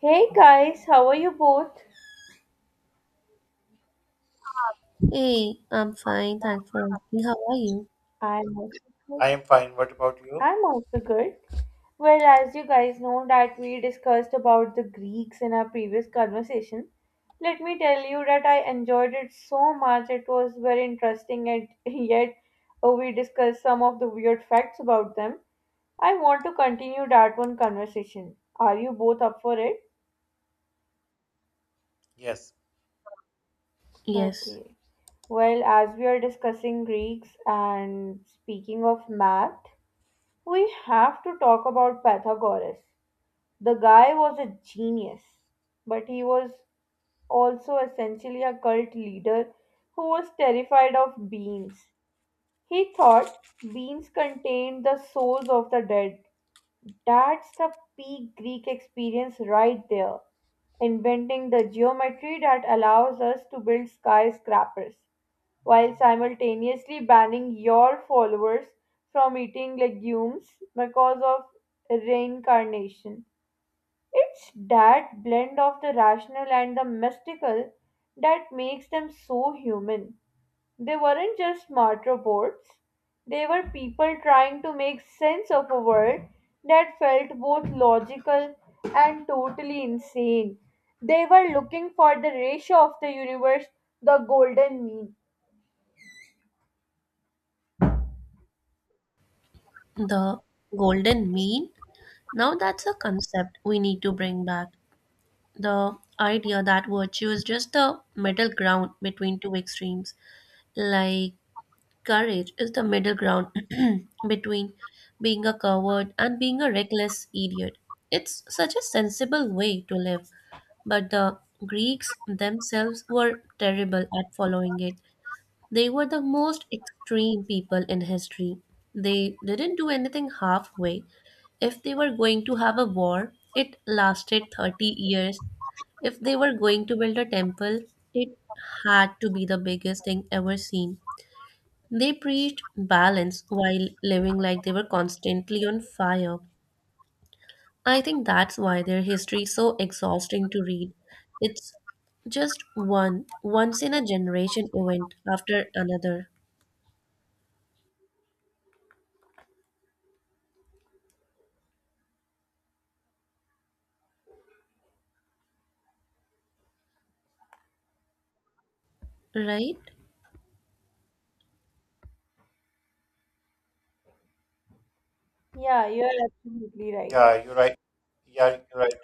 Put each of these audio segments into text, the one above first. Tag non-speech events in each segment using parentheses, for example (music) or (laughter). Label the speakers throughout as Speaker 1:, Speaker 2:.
Speaker 1: Hey guys, how are you both?
Speaker 2: Hey, I'm fine. Thanks for asking. How are you?
Speaker 1: I'm also good.
Speaker 3: I am fine. What about you?
Speaker 1: I'm also good. Well, as you guys know that we discussed about the Greeks in our previous conversation, let me tell you that I enjoyed it so much. It was very interesting and (laughs) yet we discussed some of the weird facts about them. I want to continue that one conversation. Are you both up for it?
Speaker 3: Yes.
Speaker 2: Yes,
Speaker 1: Okay. Well, as we are discussing Greeks and speaking of math, we have to talk about Pythagoras. The guy was a genius, but he was also essentially a cult leader who was terrified of beans. He thought beans contained the souls of the dead. That's the peak Greek experience right there, inventing the geometry that allows us to build skyscrapers while simultaneously banning your followers from eating legumes because of reincarnation. It's that blend of the rational and the mystical that makes them so human. They weren't just smart robots, they were people trying to make sense of a world that felt both logical and totally insane. They were looking for the ratio of the universe, the golden mean.
Speaker 2: the golden mean. Now that's a concept we need to bring back. The idea that virtue is just the middle ground between two extremes. Like courage is the middle ground (clears throat) between being a coward and being a reckless idiot. It's such a sensible way to live, but the Greeks themselves were terrible at following it. They were the most extreme people in history. They didn't do anything halfway. If they were going to have a war, it lasted 30 years. If they were going to build a temple, it had to be the biggest thing ever seen. They preached balance while living like they were constantly on fire. I think that's why their history is so exhausting to read. It's just one once in a generation event after another, right?
Speaker 1: Yeah, you're absolutely right.
Speaker 3: Yeah, you're right. Yeah, you're right.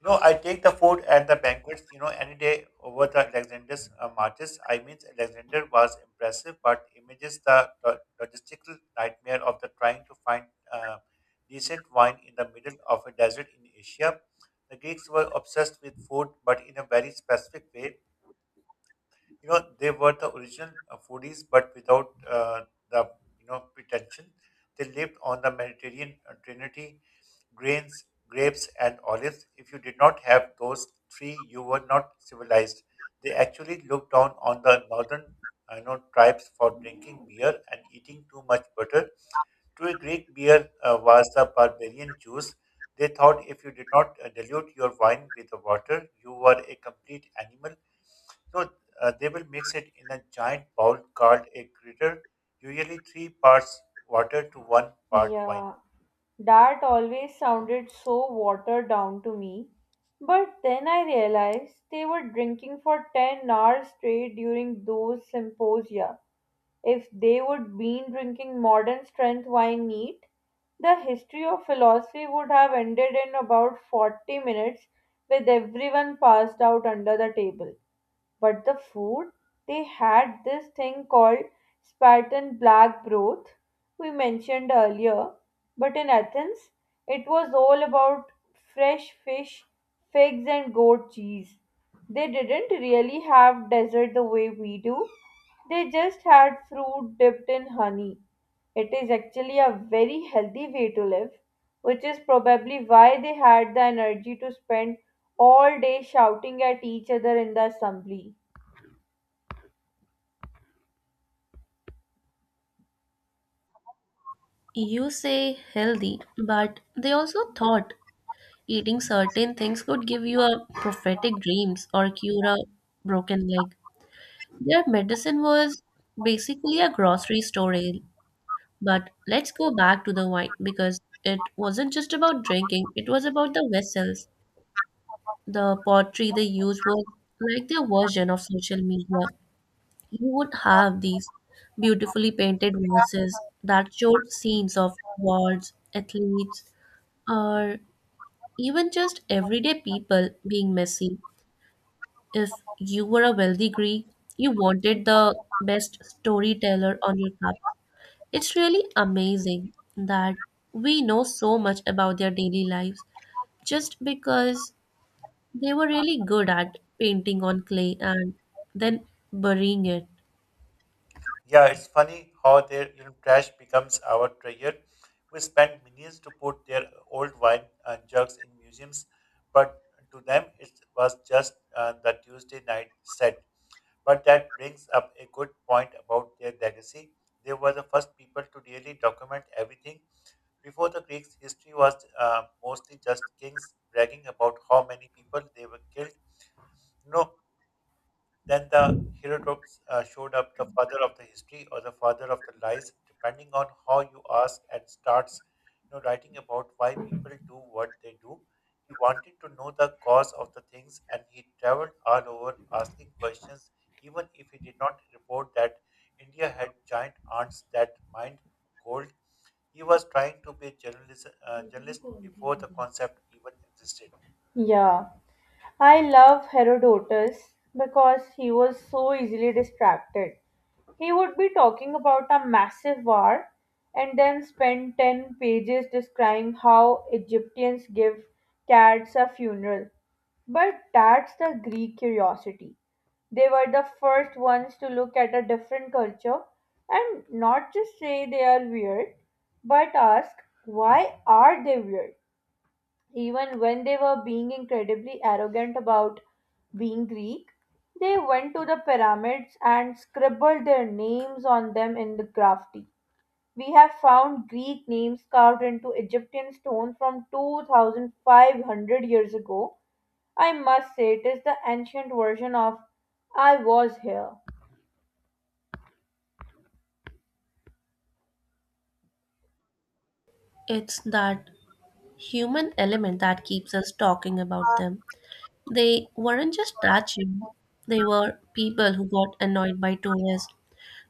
Speaker 3: You know, I take the food at the banquets, you know, any day over the Alexander's marches. I mean, Alexander was impressive, but images the logistical nightmare of the trying to find uh, decent wine in the middle of a desert in Asia. The Greeks were obsessed with food, but in a very specific way. You know, they were the original foodies but without the, you know, pretension. They lived on the Mediterranean trinity, grains, grapes and olives. If you did not have those three, you were not civilized. They actually looked down on the northern, you know, tribes for drinking beer and eating too much butter. To a Greek, beer was the barbarian juice. They thought if you did not dilute your wine with the water, you were a complete animal. So they will mix it in a giant bowl called a gritter, usually three parts water to one part wine.
Speaker 1: Yeah, that always sounded so watered down to me. But then I realized they were drinking for 10 hours straight during those symposia. If they would been drinking modern strength wine neat, the history of philosophy would have ended in about 40 minutes with everyone passed out under the table. But the food, they had this thing called Spartan black broth we mentioned earlier. But in Athens, it was all about fresh fish, figs, and goat cheese. They didn't really have dessert the way we do. They just had fruit dipped in honey. It is actually a very healthy way to live, which is probably why they had the energy to spend all day shouting at each other in the assembly.
Speaker 2: You say healthy, but they also thought eating certain things could give you a prophetic dreams or cure a broken leg. Their medicine was basically a grocery store ale. But let's go back to the wine because it wasn't just about drinking, it was about the vessels. The pottery they used was like their version of social media. You would have these beautifully painted vases that showed scenes of gods, athletes, or even just everyday people being messy. If you were a wealthy Greek, you wanted the best storyteller on your cup. It's really amazing that we know so much about their daily lives just because they were really good at painting on clay and then burying it.
Speaker 3: Yeah, it's funny how their, you know, trash becomes our treasure. We spend millions to put their old wine and jugs in museums, but to them it was just the Tuesday night set. But that brings up a good point about their legacy. They were the first people to really document everything. Before the Greeks, history was mostly just kings bragging about how many people they were killed. You know, then the Herodotus showed up, the father of the history or the father of the lies, depending on how you ask, and starts, you know, writing about why people do what they do. He wanted to know the cause of the things, and he traveled all over asking questions, even if he did not report that India had giant ants that mined gold. He was trying to be a journalist, journalist before the concept even existed.
Speaker 1: Yeah, I love Herodotus because he was so easily distracted. He would be talking about a massive war and then spend 10 pages describing how Egyptians give cats a funeral. But that's the Greek curiosity. They were the first ones to look at a different culture and not just say they are weird, but ask, why are they weird? Even when they were being incredibly arrogant about being Greek, they went to the pyramids and scribbled their names on them in the graffiti. We have found Greek names carved into Egyptian stone from 2,500 years ago. I must say, it is the ancient version of I was here.
Speaker 2: It's that human element that keeps us talking about them. They weren't just statues, they were people who got annoyed by tourists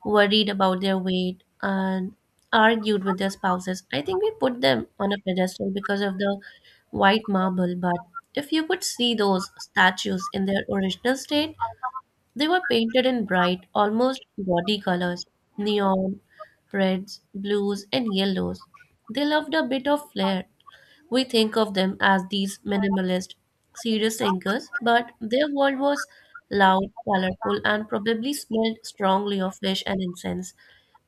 Speaker 2: worried about their weight, and argued with their spouses. I think we put them on a pedestal because of the white marble, but if you could see those statues in their original state, they were painted in bright, almost gaudy colors, neon, reds, blues, and yellows. They loved a bit of flair. We think of them as these minimalist, serious thinkers, but their world was loud, colorful, and probably smelled strongly of fish and incense.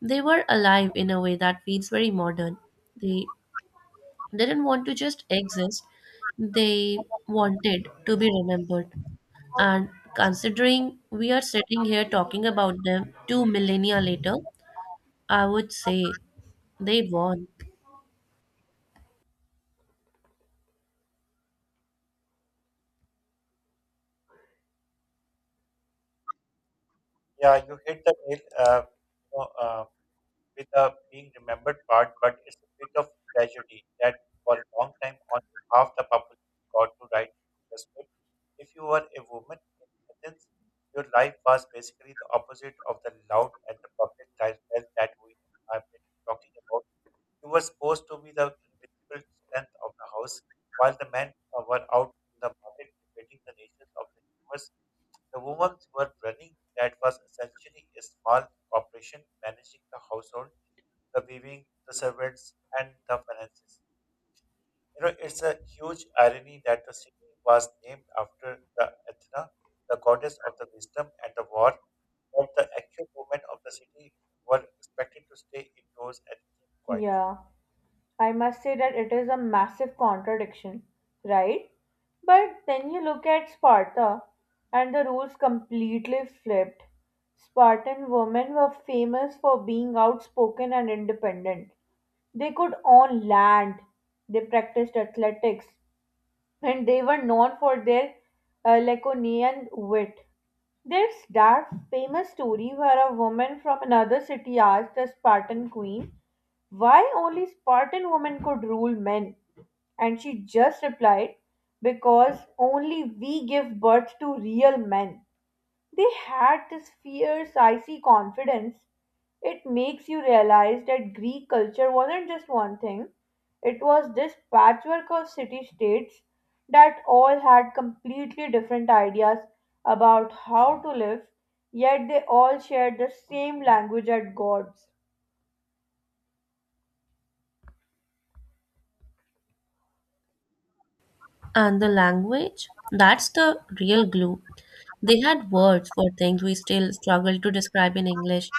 Speaker 2: They were alive in a way that feels very modern. They didn't want to just exist, they wanted to be remembered. And considering we are sitting here talking about them two millennia later, I would say they won.
Speaker 3: Yeah, you hit the nail with the being remembered part, but it's a bit of tragedy that for a long time, only half the population got to write the script. If you were a woman in Athens, your life was basically the opposite of the loud and the public lifestyle that we have been talking about. He was supposed to be the invisible strength of the house, while the men were out in the market debating the nations of the universe. The women were running that was essentially a small corporation managing the household, the weaving, the servants, and the finances. You know, it's a huge irony that the city was named after the Athena, the goddess of the wisdom and the war, but the actual women of the city were expected to stay indoors and keep quiet.
Speaker 1: Yeah. I must say that it is a massive contradiction, right? But then you look at Sparta, and the rules completely flipped. Spartan women were famous for being outspoken and independent. They could own land, they practiced athletics, and they were known for their Laconian wit. There's that famous story where a woman from another city asked a Spartan queen why only Spartan women could rule men, and she just replied, because only we give birth to real men. They had this fierce, icy confidence. It makes you realize that Greek culture wasn't just one thing, it was this patchwork of city states that all had completely different ideas about how to live, yet they all shared the same language at gods.
Speaker 2: And the language, that's the real glue. They had words for things we still struggle to describe in English.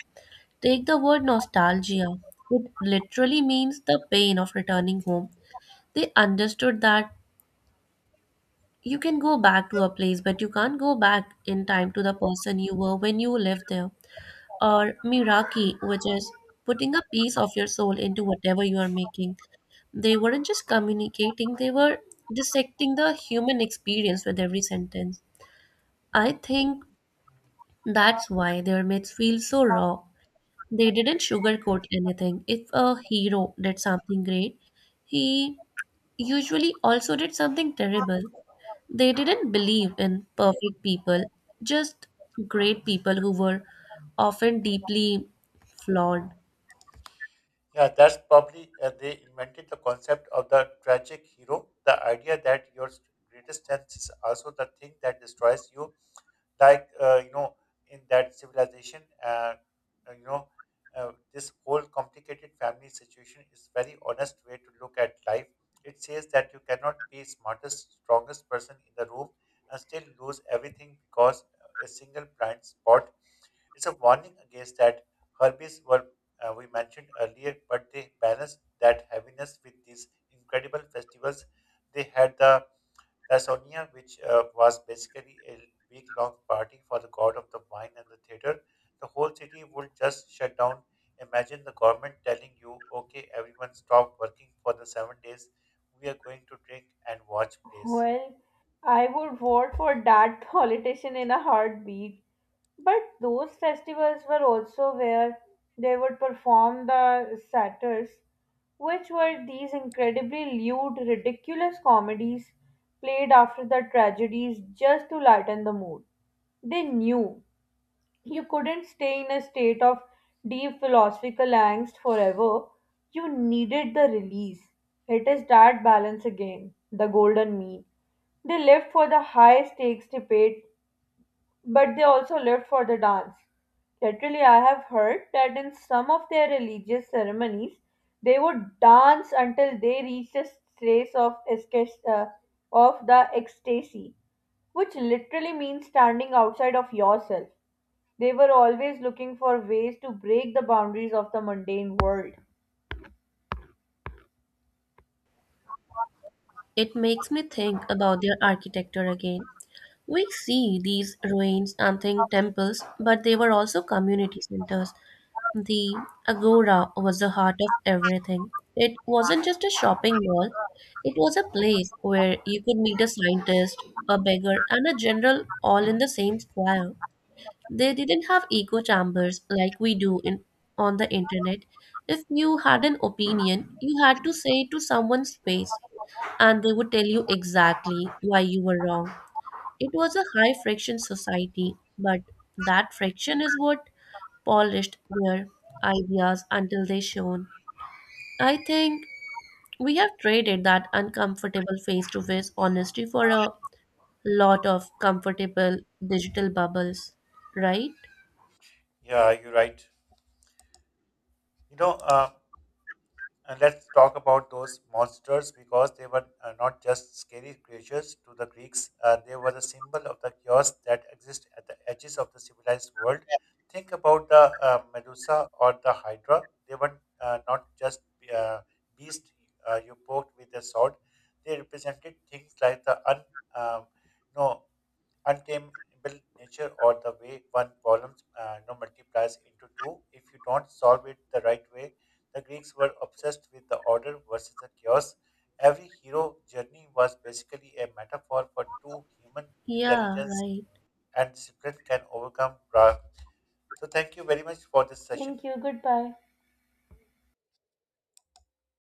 Speaker 2: Take the word nostalgia. It literally means the pain of returning home. They understood that you can go back to a place, but you can't go back in time to the person you were when you lived there. Or miraki, which is putting a piece of your soul into whatever you are making. They weren't just communicating, they were dissecting the human experience with every sentence. I think that's why their myths feel so raw. They didn't sugarcoat anything. If a hero did something great, he usually also did something terrible. They didn't believe in perfect people, just great people who were often deeply flawed.
Speaker 3: Yeah, that's probably they invented the concept of the tragic hero, the idea that your greatest strength is also the thing that destroys you. Like, you know, in that civilization, uh, you know, this whole complicated family situation is very honest way to look at life. It says that you cannot be smartest, strongest person in the room and still lose everything because a single blind spot. It's a warning against that. Herbies were, we mentioned earlier, but they balanced that heaviness with these incredible festivals. They had the Lasonia, which was basically a week long party for the god of the wine and the theater. The whole city would just shut down. Imagine the government telling you, okay, everyone stop working for the 7 days. We are going to drink and watch plays.
Speaker 1: Well, I would vote for that (laughs) politician in a heartbeat. But those festivals were also where they would perform the satyrs, which were these incredibly lewd, ridiculous comedies played after the tragedies just to lighten the mood. They knew you couldn't stay in a state of deep philosophical angst forever. You needed the release. It is that balance again, the golden mean. They lived for the high stakes debate but they also lived for the dance. Literally, I have heard that in some of their religious ceremonies, they would dance until they reached a stage of, of the ecstasy, which literally means standing outside of yourself. They were always looking for ways to break the boundaries of the mundane world.
Speaker 2: It makes me think about their architecture again. We see these ruins and think temples, but they were also community centers. The Agora was the heart of everything. It wasn't just a shopping mall, it was a place where you could meet a scientist, a beggar, and a general all in the same square. They didn't have echo chambers like we do in, on the internet. If you had an opinion, you had to say it to someone's face, and they would tell you exactly why you were wrong. It was a high friction society, but that friction is what polished their ideas until they shone. I think we have traded that uncomfortable face to face honesty for a lot of comfortable digital bubbles, right?
Speaker 3: Yeah, you're right. You know, uh, And let's talk about those monsters because they were not just scary creatures to the Greeks. They were a symbol of the chaos that exists at the edges of the civilized world. Think about the Medusa or the Hydra. They were not just uh, beasts you poked with a sword. They represented things like the un, um, no, untamable nature or the way one problem, you know, multiplies into two. If you don't solve it the right way, the Greeks were obsessed with the order versus the chaos. Every hero journey was basically a metaphor for two human
Speaker 2: Yeah,
Speaker 3: intelligence
Speaker 2: right.
Speaker 3: and discipline can overcome bra. So thank you very much for this session.
Speaker 1: Thank you. Goodbye.